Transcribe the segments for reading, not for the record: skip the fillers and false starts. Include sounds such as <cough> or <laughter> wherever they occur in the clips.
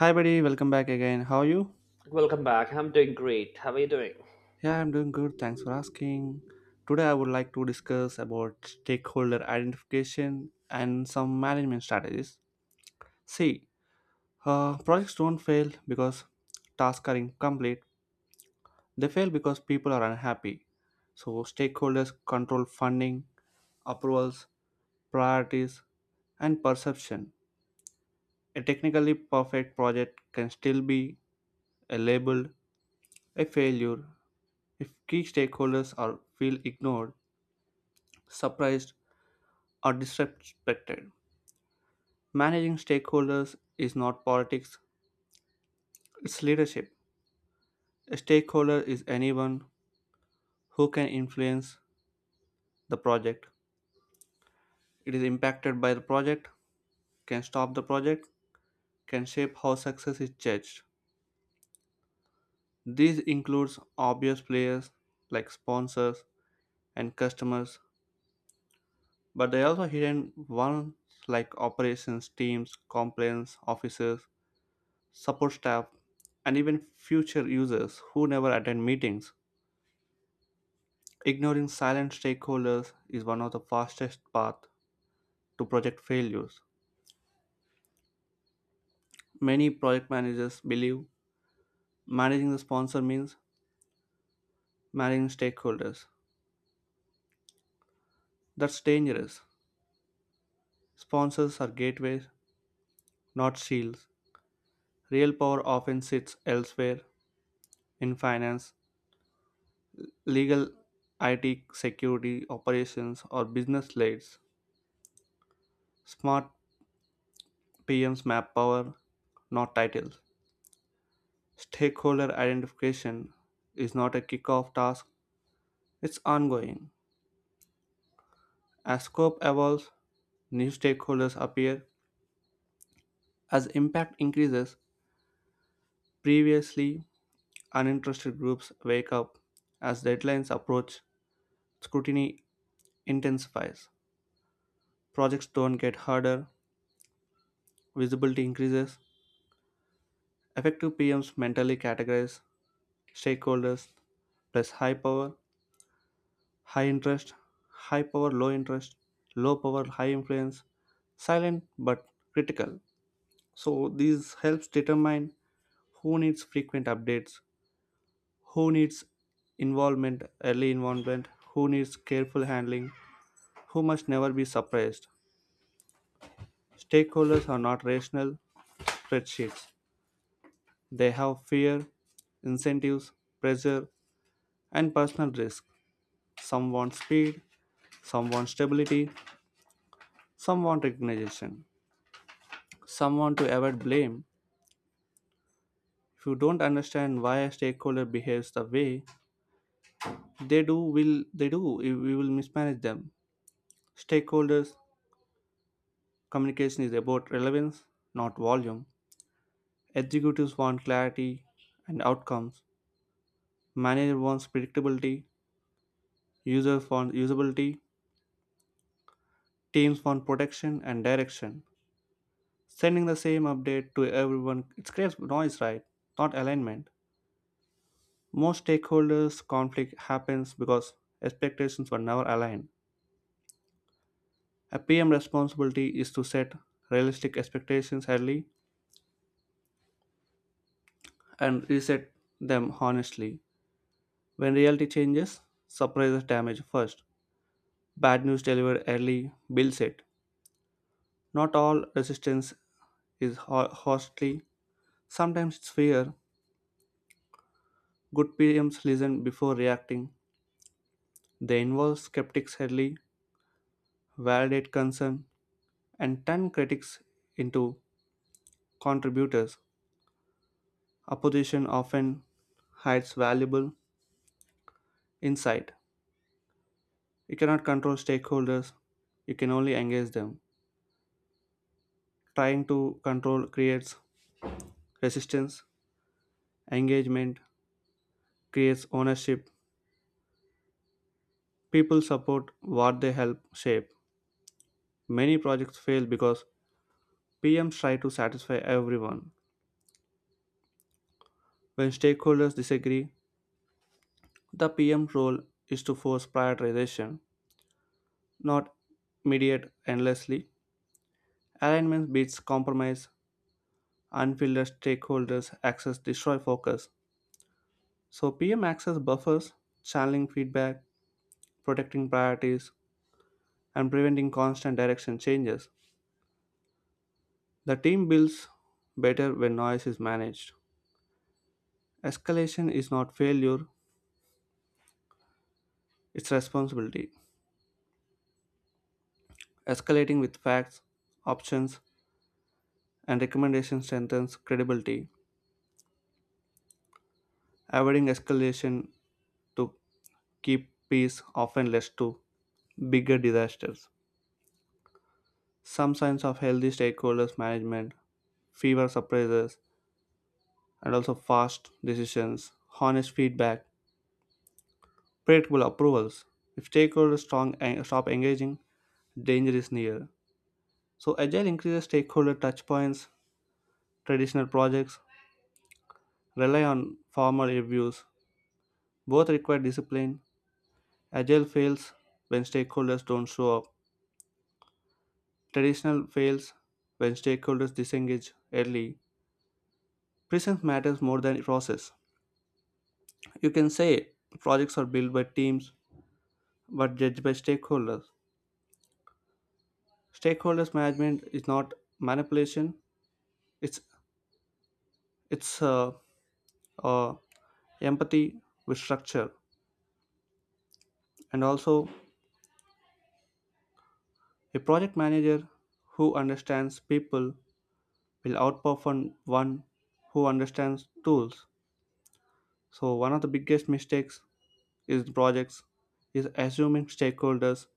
Hi, buddy. Welcome back again. How are you? Welcome back. I'm doing great. How are you doing? Yeah, I'm doing good. Thanks for asking. Today, I would like to discuss about stakeholder identification and some management strategies. See, projects don't fail because tasks are incomplete. They fail because people are unhappy. So, stakeholders control funding, approvals, priorities, and perception. A technically perfect project can still be a labeled a failure if key stakeholders are feel ignored, surprised, or disrespected. Managing stakeholders is not politics, it's leadership. A stakeholder is anyone who can influence the project. It is impacted by the project, can stop the project, can shape how success is judged. This includes obvious players like sponsors and customers, but they also hidden ones like operations teams, compliance officers, support staff, and even future users who never attend meetings. Ignoring silent stakeholders is one of the fastest paths to project failures. Many project managers believe managing the sponsor means managing stakeholders. That's dangerous. Sponsors are gateways, not shields. Real power often sits elsewhere in finance, legal, IT, security, operations, or business leads. Smart PMs map power, not titles. Stakeholder identification is not a kickoff task, it's ongoing. As scope evolves, new stakeholders appear. As impact increases, previously uninterested groups wake up. As deadlines approach, scrutiny intensifies. Projects don't get harder, visibility increases. Effective PMs mentally categorize stakeholders plus high power high interest, high power, low interest, low power, high influence, silent but critical. So these helps determine who needs frequent updates, who needs early involvement, who needs careful handling, who must never be surprised. Stakeholders are not rational spreadsheets. They have fear, incentives, pressure, and personal risk. Some want speed, some want stability, some want recognition. Someone to avoid blame. If you don't understand why a stakeholder behaves the way they do? We will mismanage them. Stakeholders communication is about relevance, not volume. Executives want clarity and outcomes. Manager wants predictability. Users want usability. Teams want protection and direction. Sending the same update to everyone it creates noise, right? Not alignment. Most stakeholders conflict happens because expectations were never aligned. A PM responsibility is to set realistic expectations early and reset them honestly. When reality changes, surprises damage first. Bad news delivered early builds it. Not all resistance is hostly. Sometimes it's fear. Good PMs listen before reacting. They involve skeptics early, validate concern, and turn critics into contributors. Opposition often hides valuable insight. You cannot control stakeholders, you can only engage them. Trying to control creates resistance, engagement creates ownership. People support what they help shape. Many projects fail because PMs try to satisfy everyone. When stakeholders disagree, the PM's role is to force prioritization, not mediate endlessly. Alignment beats compromise. Unfiltered stakeholders access destroy focus. So PM access buffers, channeling feedback, protecting priorities, and preventing constant direction changes. The team builds better when noise is managed. Escalation is not failure, it's responsibility. Escalating with facts, options, and recommendations strengthens credibility. Avoiding escalation to keep peace often leads to bigger disasters. Some signs of healthy stakeholders management, fewer surprises, and also fast decisions, honest feedback, predictable approvals. If stakeholders strong, stop engaging, danger is near. So agile increases stakeholder touchpoints. Traditional projects rely on formal reviews. Both require discipline. Agile fails when stakeholders don't show up. Traditional fails when stakeholders disengage early. Presence matters more than process. You can say projects are built by teams but judged by stakeholders. Stakeholders management is not manipulation. It's it's uh, empathy with structure, and also a project manager who understands people will outperform one who understands tools. So one of the biggest mistakes is in projects is assuming stakeholders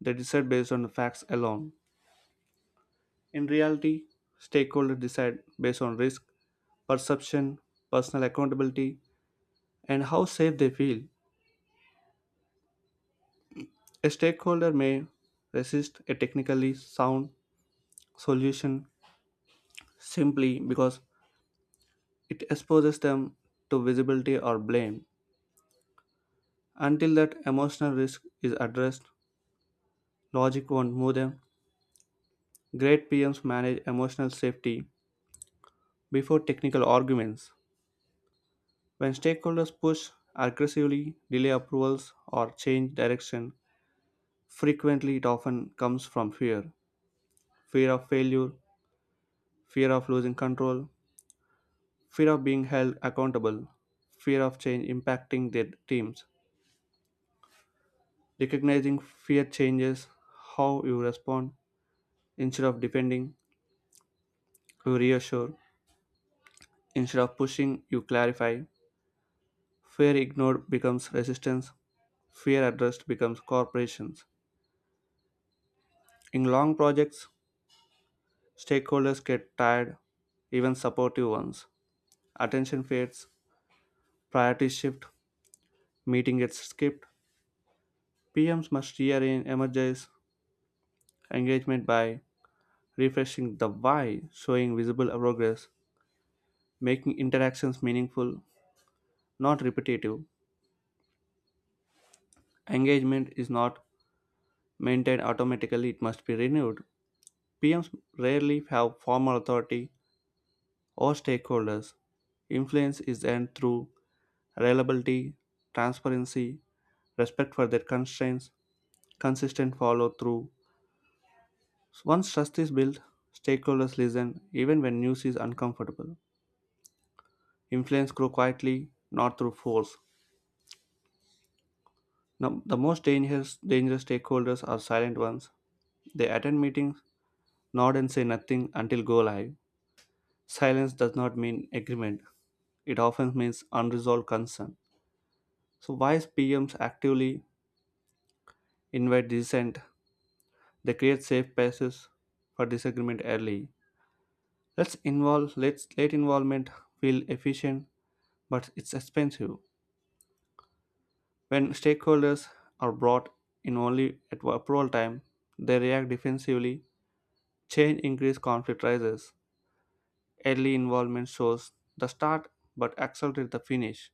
they decide based on the facts alone. In reality, stakeholders decide based on risk, perception, personal accountability, and how safe they feel. A stakeholder may resist a technically sound solution simply because it exposes them to visibility or blame. Until that emotional risk is addressed, logic won't move them. Great PMs manage emotional safety before technical arguments. When stakeholders push aggressively, delay approvals, or change direction, frequently it often comes from fear, fear of failure, fear of losing control, fear of being held accountable, fear of change impacting their teams. Recognizing fear changes how you respond. Instead of defending, you reassure. Instead of pushing, you clarify. Fear ignored becomes resistance. Fear addressed becomes corporations. In long projects, stakeholders get tired, even supportive ones. Attention fades, priorities shift, meeting gets skipped. PMs must rearrange, energize engagement by refreshing the why, showing visible progress, making interactions meaningful, not repetitive. Engagement is not maintained automatically, it must be renewed. PMs rarely have formal authority or stakeholders. Influence is earned through reliability, transparency, respect for their constraints, consistent follow through. Once trust is built, stakeholders listen even when news is uncomfortable. Influence grows quietly, not through force. Now, the most dangerous stakeholders are silent ones. They attend meetings, nod and say nothing until go live. Silence does not mean agreement. It often means unresolved concern. So wise PMs actively invite dissent. They create safe spaces for disagreement early. Let involvement feel efficient, but it's expensive. When stakeholders are brought in only at approval time, they react defensively. Change increase conflict rises. Early involvement shows the start but accelerates the finish.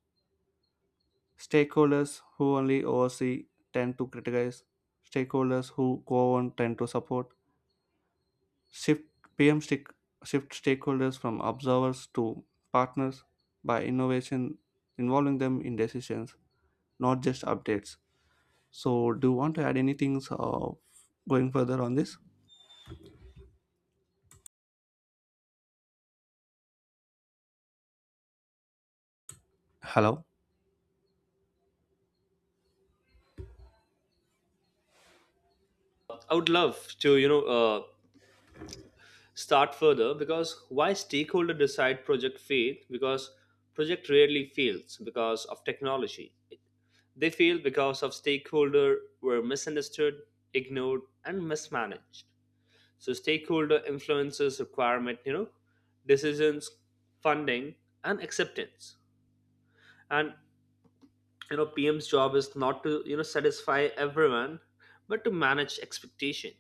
Stakeholders who only oversee tend to criticize. Stakeholders who go on tend to support. Shift PM stick, shift stakeholders from observers to partners by innovation involving them in decisions, not just updates. So, do you want to add anything going further on this? Hello. I would love to, start further because why stakeholder decide project fail? Because project rarely fails because of technology. They fail because of stakeholder were misunderstood, ignored, and mismanaged. So stakeholder influences requirement, decisions, funding, and acceptance. And PM's job is not to satisfy everyone, but to manage expectation.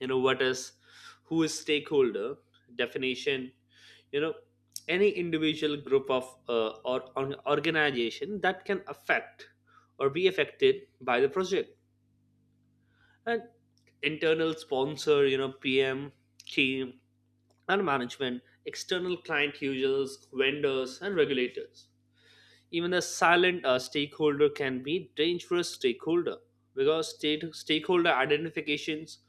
You know what is, who is stakeholder definition. You know, any individual group of or organization that can affect or be affected by the project. And internal sponsor, you know, PM team and management, external client, users, vendors, and regulators. Even a silent stakeholder can be dangerous stakeholder because state stakeholder identifications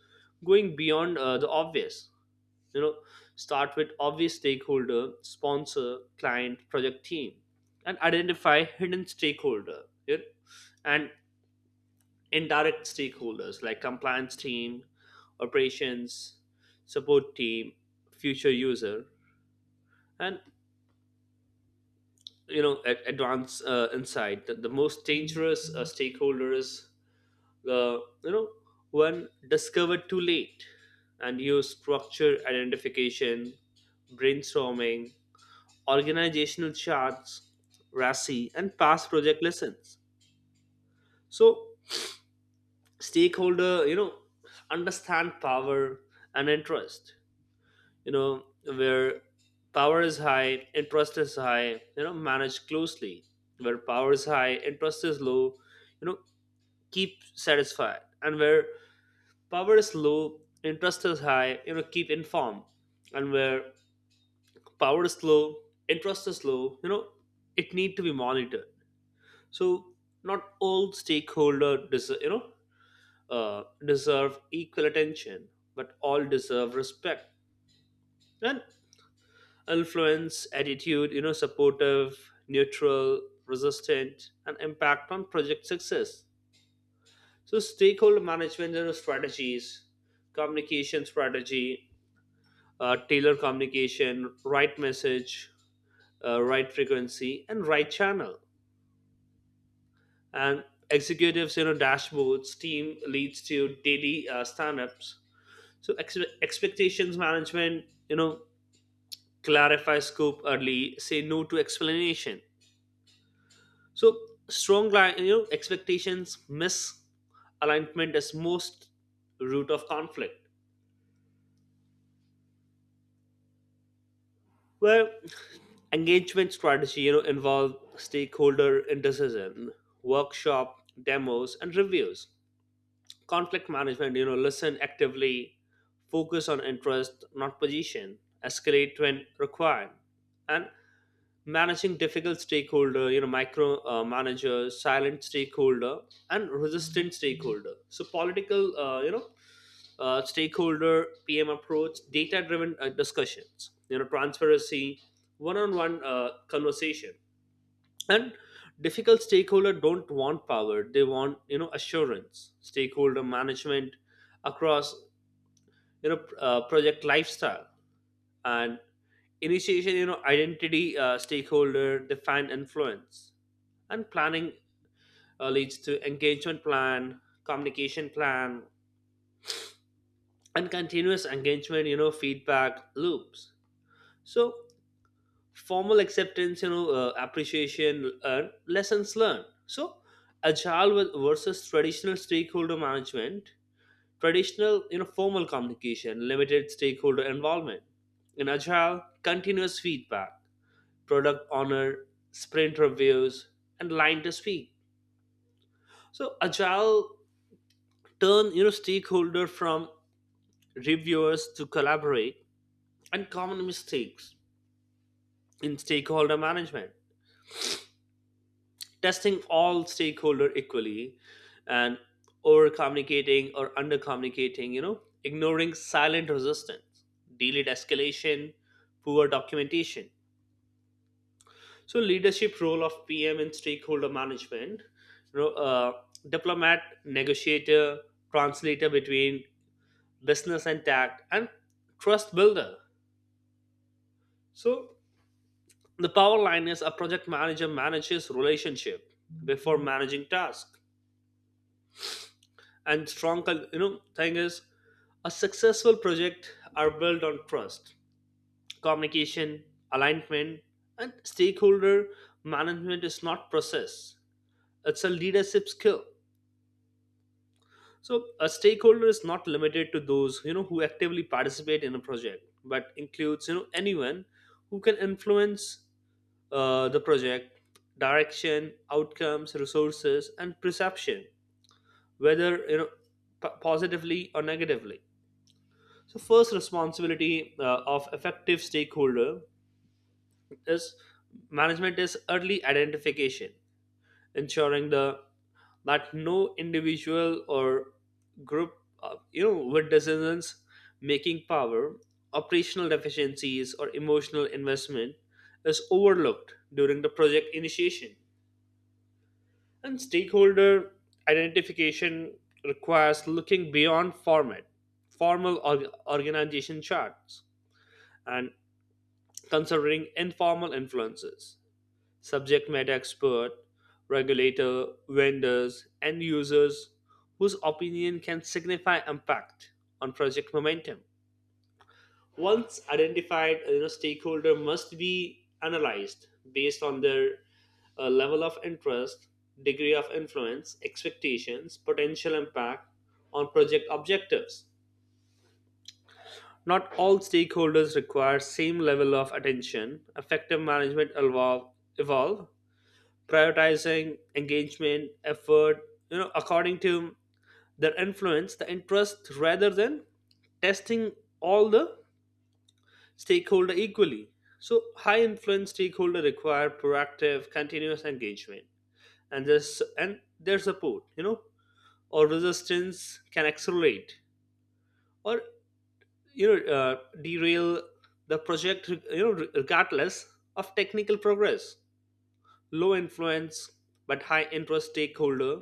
going beyond the obvious. You know, start with obvious stakeholder, sponsor, client, project team, and identify hidden stakeholder, and indirect stakeholders like compliance team, operations, support team, future user. And you know, at advance insight that the most dangerous stakeholder is the, you know, when discovered too late. And use structure identification, brainstorming, organizational charts, RASI, and past project lessons. So stakeholder, understand power and interest. You know, where power is high, interest is high, manage closely. Where power is high, interest is low, you know, keep satisfied. And where power is low, interest is high, keep informed. And where power is low, interest is low, it need to be monitored. So not all stakeholder deserve, deserve equal attention, but all deserve respect. And influence, attitude, supportive, neutral, resistant, and impact on project success. So stakeholder management, strategies, communication strategy, tailor communication, right message, right frequency, and right channel. And executives, you know, dashboards, team leads to daily stand-ups. So expectations management, you know, clarify scope early, say no to explanation. So you know, expectations misalignment is most root of conflict. Well, engagement strategy, you know, involve stakeholder in decision, workshop, demos, and reviews. Conflict management, you know, listen actively, focus on interest, not position, escalate when required. And managing difficult stakeholder, you know, micro manager, silent stakeholder, and resistant stakeholder. So political stakeholder PM approach, data driven discussions, you know, transparency, one on one conversation. And difficult stakeholder don't want power, they want, you know, assurance. Stakeholder management across, project lifestyle. And initiation, you know, identity stakeholder, define influence. And planning leads to engagement plan, communication plan, and continuous engagement, you know, feedback loops. So formal acceptance, appreciation and lessons learned. So agile versus traditional stakeholder management. Traditional, you know, formal communication, limited stakeholder involvement. In agile, continuous feedback, product honor, sprint reviews, and line to speak. So agile turn, you know, stakeholder from reviewers to collaborate. And common mistakes in stakeholder management, testing all stakeholder equally, and over communicating or under communicating, you know, ignoring silent resistance, delayed escalation, poor documentation. So leadership role of PM in stakeholder management, you know, uh, diplomat, negotiator, translator between business and tech, and trust builder. So the power line is a project manager manages relationship before managing task. And you know, thing is a successful project are built on trust, communication, alignment. And stakeholder management is not process, it's a leadership skill. So a stakeholder is not limited to those, you know, who actively participate in a project but includes, you know, anyone who can influence the project direction, outcomes, resources, and perception, whether, you know, positively or negatively. So, first responsibility of effective stakeholder is management is early identification, ensuring the that no individual or group, with decisions making power, operational deficiencies, or emotional investment is overlooked during the project initiation. And stakeholder identification requires looking beyond formal organization charts, and considering informal influences, subject matter expert, regulator, vendors, and users whose opinion can signify impact on project momentum. Once identified, stakeholder must be analyzed based on their level of interest, degree of influence, expectations, potential impact on project objectives. Not all stakeholders require same level of attention. Effective management evolve prioritizing engagement, effort, according to their influence, the interest rather than testing all the stakeholder equally. So high influence stakeholder require proactive, continuous engagement. And this and their support, or resistance can accelerate or, derail the project, you know, regardless of technical progress. Low influence but high interest stakeholder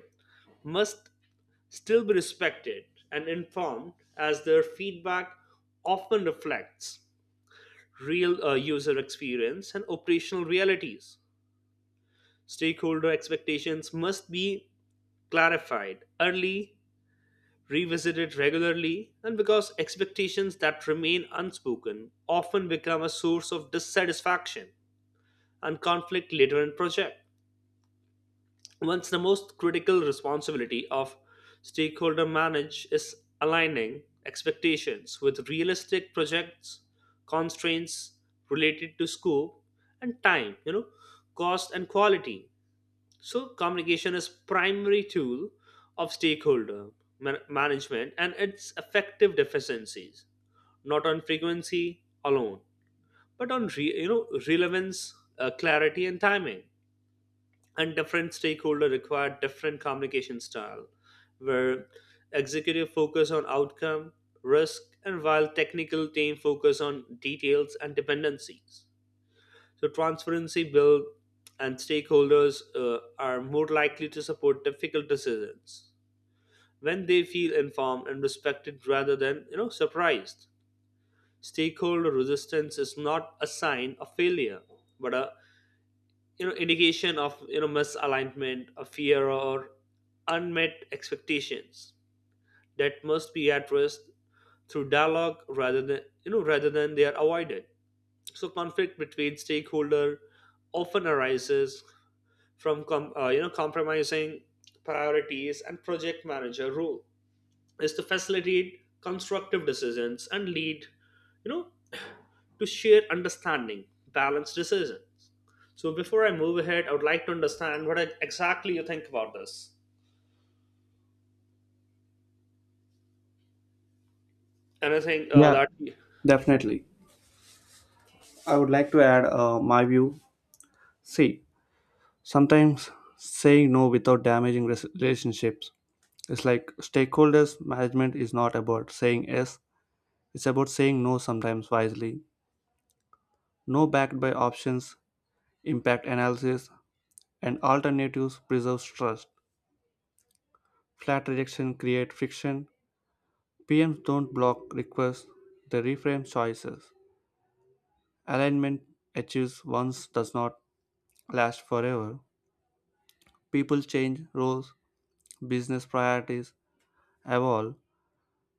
must still be respected and informed, as their feedback often reflects real user experience and operational realities. Stakeholder expectations must be clarified early, revisit it regularly, and because expectations that remain unspoken often become a source of dissatisfaction and conflict later in project. Once the most critical responsibility of stakeholder manage is aligning expectations with realistic projects constraints related to scope and time, cost and quality. So communication is primary tool of stakeholder management and its effective deficiencies, not on frequency alone, but on relevance, clarity, and timing. And different stakeholder require different communication style, where executive focus on outcome, risk, and while technical team focus on details and dependencies. So, transparency bill and stakeholders are more likely to support difficult decisions when they feel informed and respected rather than, surprised. Stakeholder resistance is not a sign of failure, but a, you know, indication of, you know, misalignment, a fear, or unmet expectations that must be addressed through dialogue rather than rather than they are avoided. So conflict between stakeholder often arises from compromising priorities, and project manager role is to facilitate constructive decisions and lead, you know, to share understanding, balanced decisions. So before I move ahead, I would like to understand what exactly you think about this, and I think uh, Yeah, that definitely. I would like to add my view. See, sometimes saying no without damaging relationships. It's like stakeholders management is not about saying yes, it's about saying no sometimes wisely. No backed by options, impact analysis, and alternatives preserves trust. Flat rejection create friction. PMs don't block requests, they reframe choices. Alignment achieves once does not last forever. People change roles, business priorities evolve,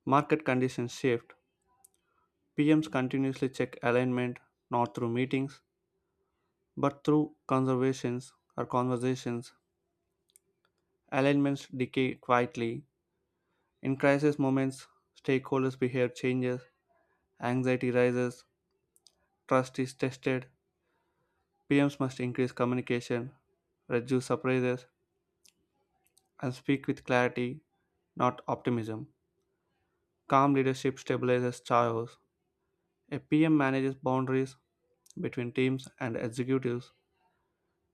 market conditions shift, PMs continuously check alignment not through meetings but through conservations or conversations. Alignments decay quietly. In crisis moments, stakeholders' behavior changes, anxiety rises, trust is tested. PMs must increase communication, reduce surprises, and speak with clarity, not optimism. Calm leadership stabilizes chaos. A PM manages boundaries between teams and executives,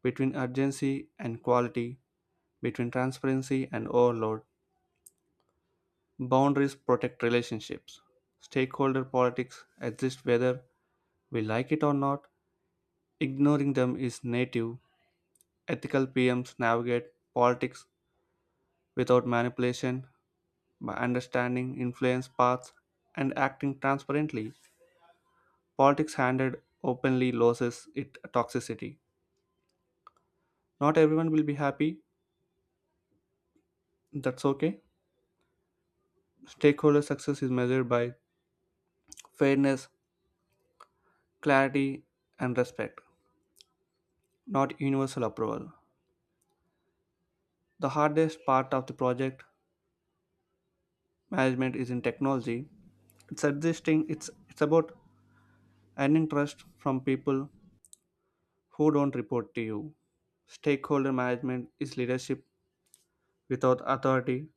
between urgency and quality, between transparency and overload. Boundaries protect relationships. Stakeholder politics exist whether we like it or not. Ignoring them is native. Ethical PMs navigate politics without manipulation by understanding influence paths and acting transparently. Politics handled openly loses its toxicity. Not everyone will be happy. That's okay. Stakeholder success is measured by fairness, clarity, and respect, not universal approval. The hardest part of the project management is in technology. It's about earning trust from people who don't report to you. Stakeholder management is leadership without authority.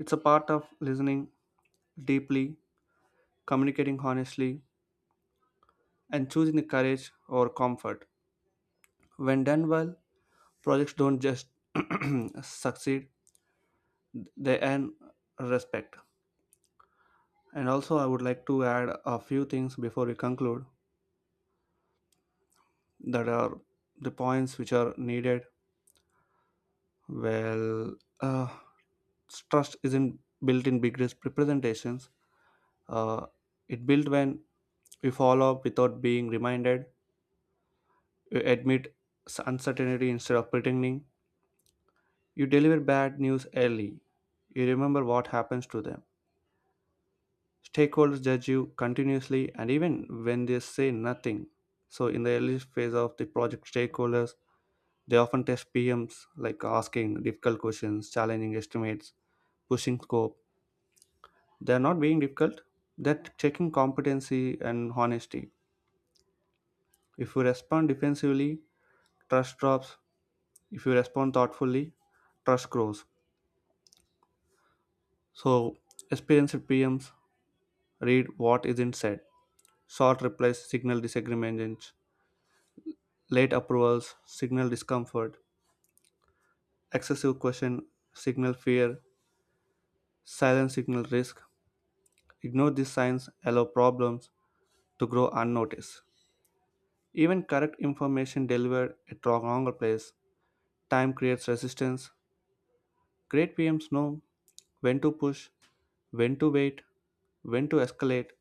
It's a part of listening deeply, communicating honestly, and choosing the courage or comfort. When done well, projects don't just <clears throat> succeed, they earn respect. And also, I would like to add a few things before we conclude, that are the points which are needed. Well, uh, trust isn't built in big representations. uh, it built when we follow up without being reminded. You admit uncertainty instead of pretending. You deliver bad news early. You remember what happens to them. Stakeholders judge you continuously and even when they say nothing. So in the early phase of the project stakeholders, they often test PMs like asking difficult questions, challenging estimates, pushing scope. They're not being difficult, they're checking competency and honesty. If you respond defensively, trust drops. If you respond thoughtfully, trust grows. So, experienced PMs read what isn't said. Short replies signal disagreement, late approvals signal discomfort, excessive question signal fear, silence signal risk. Ignore these signs, allow problems, to grow unnoticed. Even correct information delivered at the wrong place, time creates resistance. Great PMs know when to push, when to wait, when to escalate,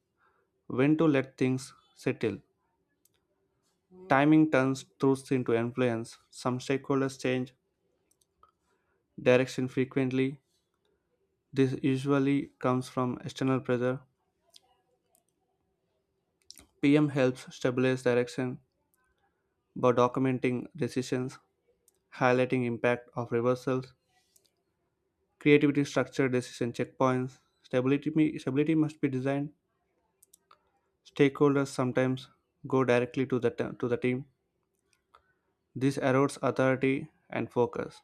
when to let things settle. Timing turns truths into influence. Some stakeholders change direction frequently. This usually comes from external pressure. PM helps stabilize direction by documenting decisions, highlighting impact of reversals, creativity, structure, decision checkpoints, stability. Stability must be designed. Stakeholders sometimes go directly to to the team. This erodes authority and focus.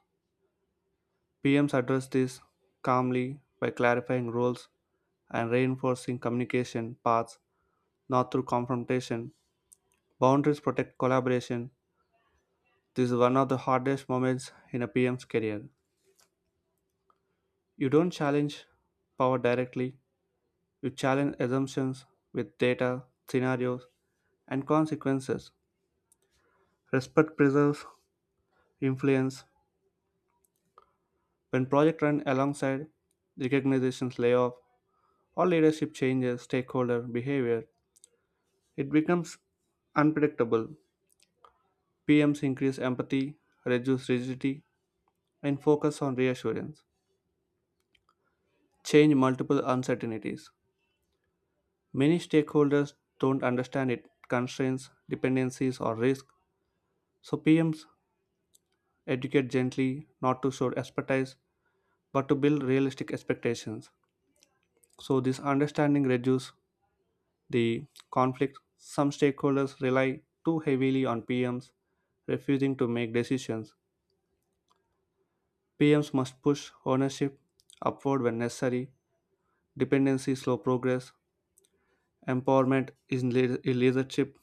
PMs address this calmly by clarifying roles and reinforcing communication paths, not through confrontation. Boundaries protect collaboration. This is one of the hardest moments in a PM's career. You don't challenge power directly, you challenge assumptions with data, scenarios, and consequences. Respect preserves influence. When projects run alongside recognitions layoff or leadership changes stakeholder behavior, it becomes unpredictable. PMs increase empathy, reduce rigidity, and focus on reassurance. Change multiple uncertainties. Many stakeholders don't understand it constraints, dependencies, or risk, so PMs educate gently, not to show expertise, but to build realistic expectations. So this understanding reduces the conflict. Some stakeholders rely too heavily on PMs, refusing to make decisions. PMs must push ownership upward when necessary. Dependency slow progress. Empowerment is leadership.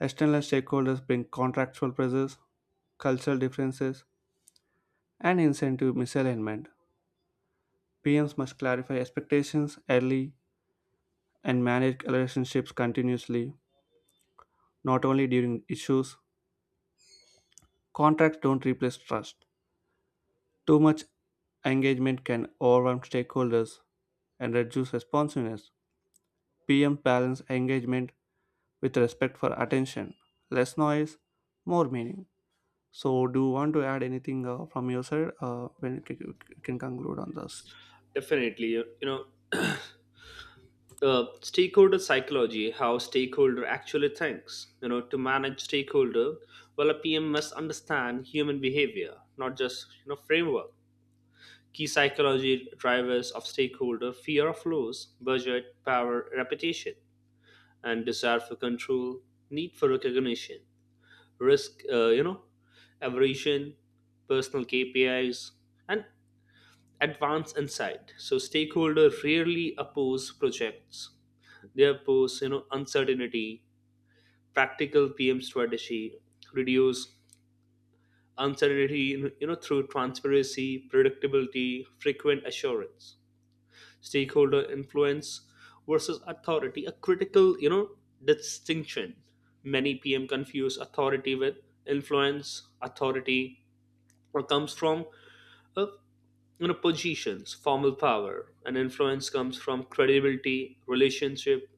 External stakeholders bring contractual pressures, cultural differences, and incentive misalignment. PMs must clarify expectations early and manage relationships continuously, not only during issues. Contracts don't replace trust. Too much engagement can overwhelm stakeholders and reduce responsiveness. PM balance engagement with respect for attention. Less noise, more meaning. So, do you want to add anything from your side? When you can conclude on this? Definitely, stakeholder psychology, how stakeholder actually thinks, you know, to manage stakeholder well, a PM must understand human behavior, not just, you know, framework. Key psychology drivers of stakeholder: fear of loss, budget, power, reputation, and desire for control, need for recognition, risk, aversion, personal KPIs, and advance insight. So stakeholder rarely oppose projects. They oppose, uncertainty. Practical PM strategy, reduce uncertainty, through transparency, predictability, frequent assurance. Stakeholder influence versus authority, a critical, you know, distinction. Many PM confuse authority with influence. Authority or comes from uh, positions, formal power, and influence comes from credibility, relationship,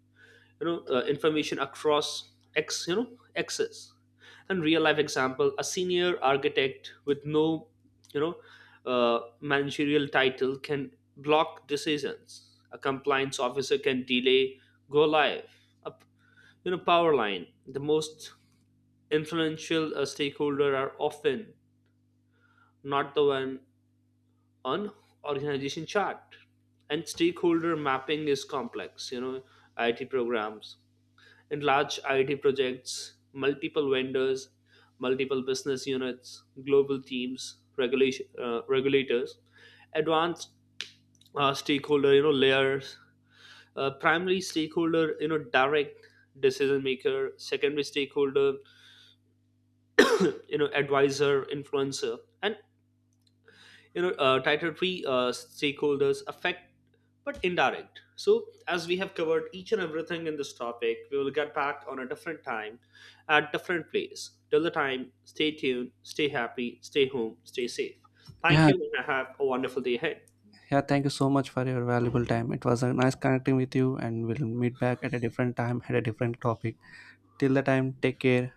information across x, you know, axis. And real life example: a senior architect with no, you know managerial title can block decisions, a compliance officer can delay go live. A you know, power line, the most influential stakeholder are often not the one on organization chart. And stakeholder mapping is complex, you know, it programs in large IT projects, multiple vendors, multiple business units, global teams, regulation, regulators, advanced stakeholder, layers, primary stakeholder, direct decision maker, secondary stakeholder, advisor, influencer, and titatory stakeholders affect but indirect. So as we have covered each and everything in this topic, we will get back on a different time at different place. Till the time, stay tuned, stay happy, stay home, stay safe. Thank Yeah, you and have a wonderful day ahead. yeah. Thank you so much for your valuable time. It was a nice connecting with you, and we'll meet back at a different time at a different topic. Till the time, take care.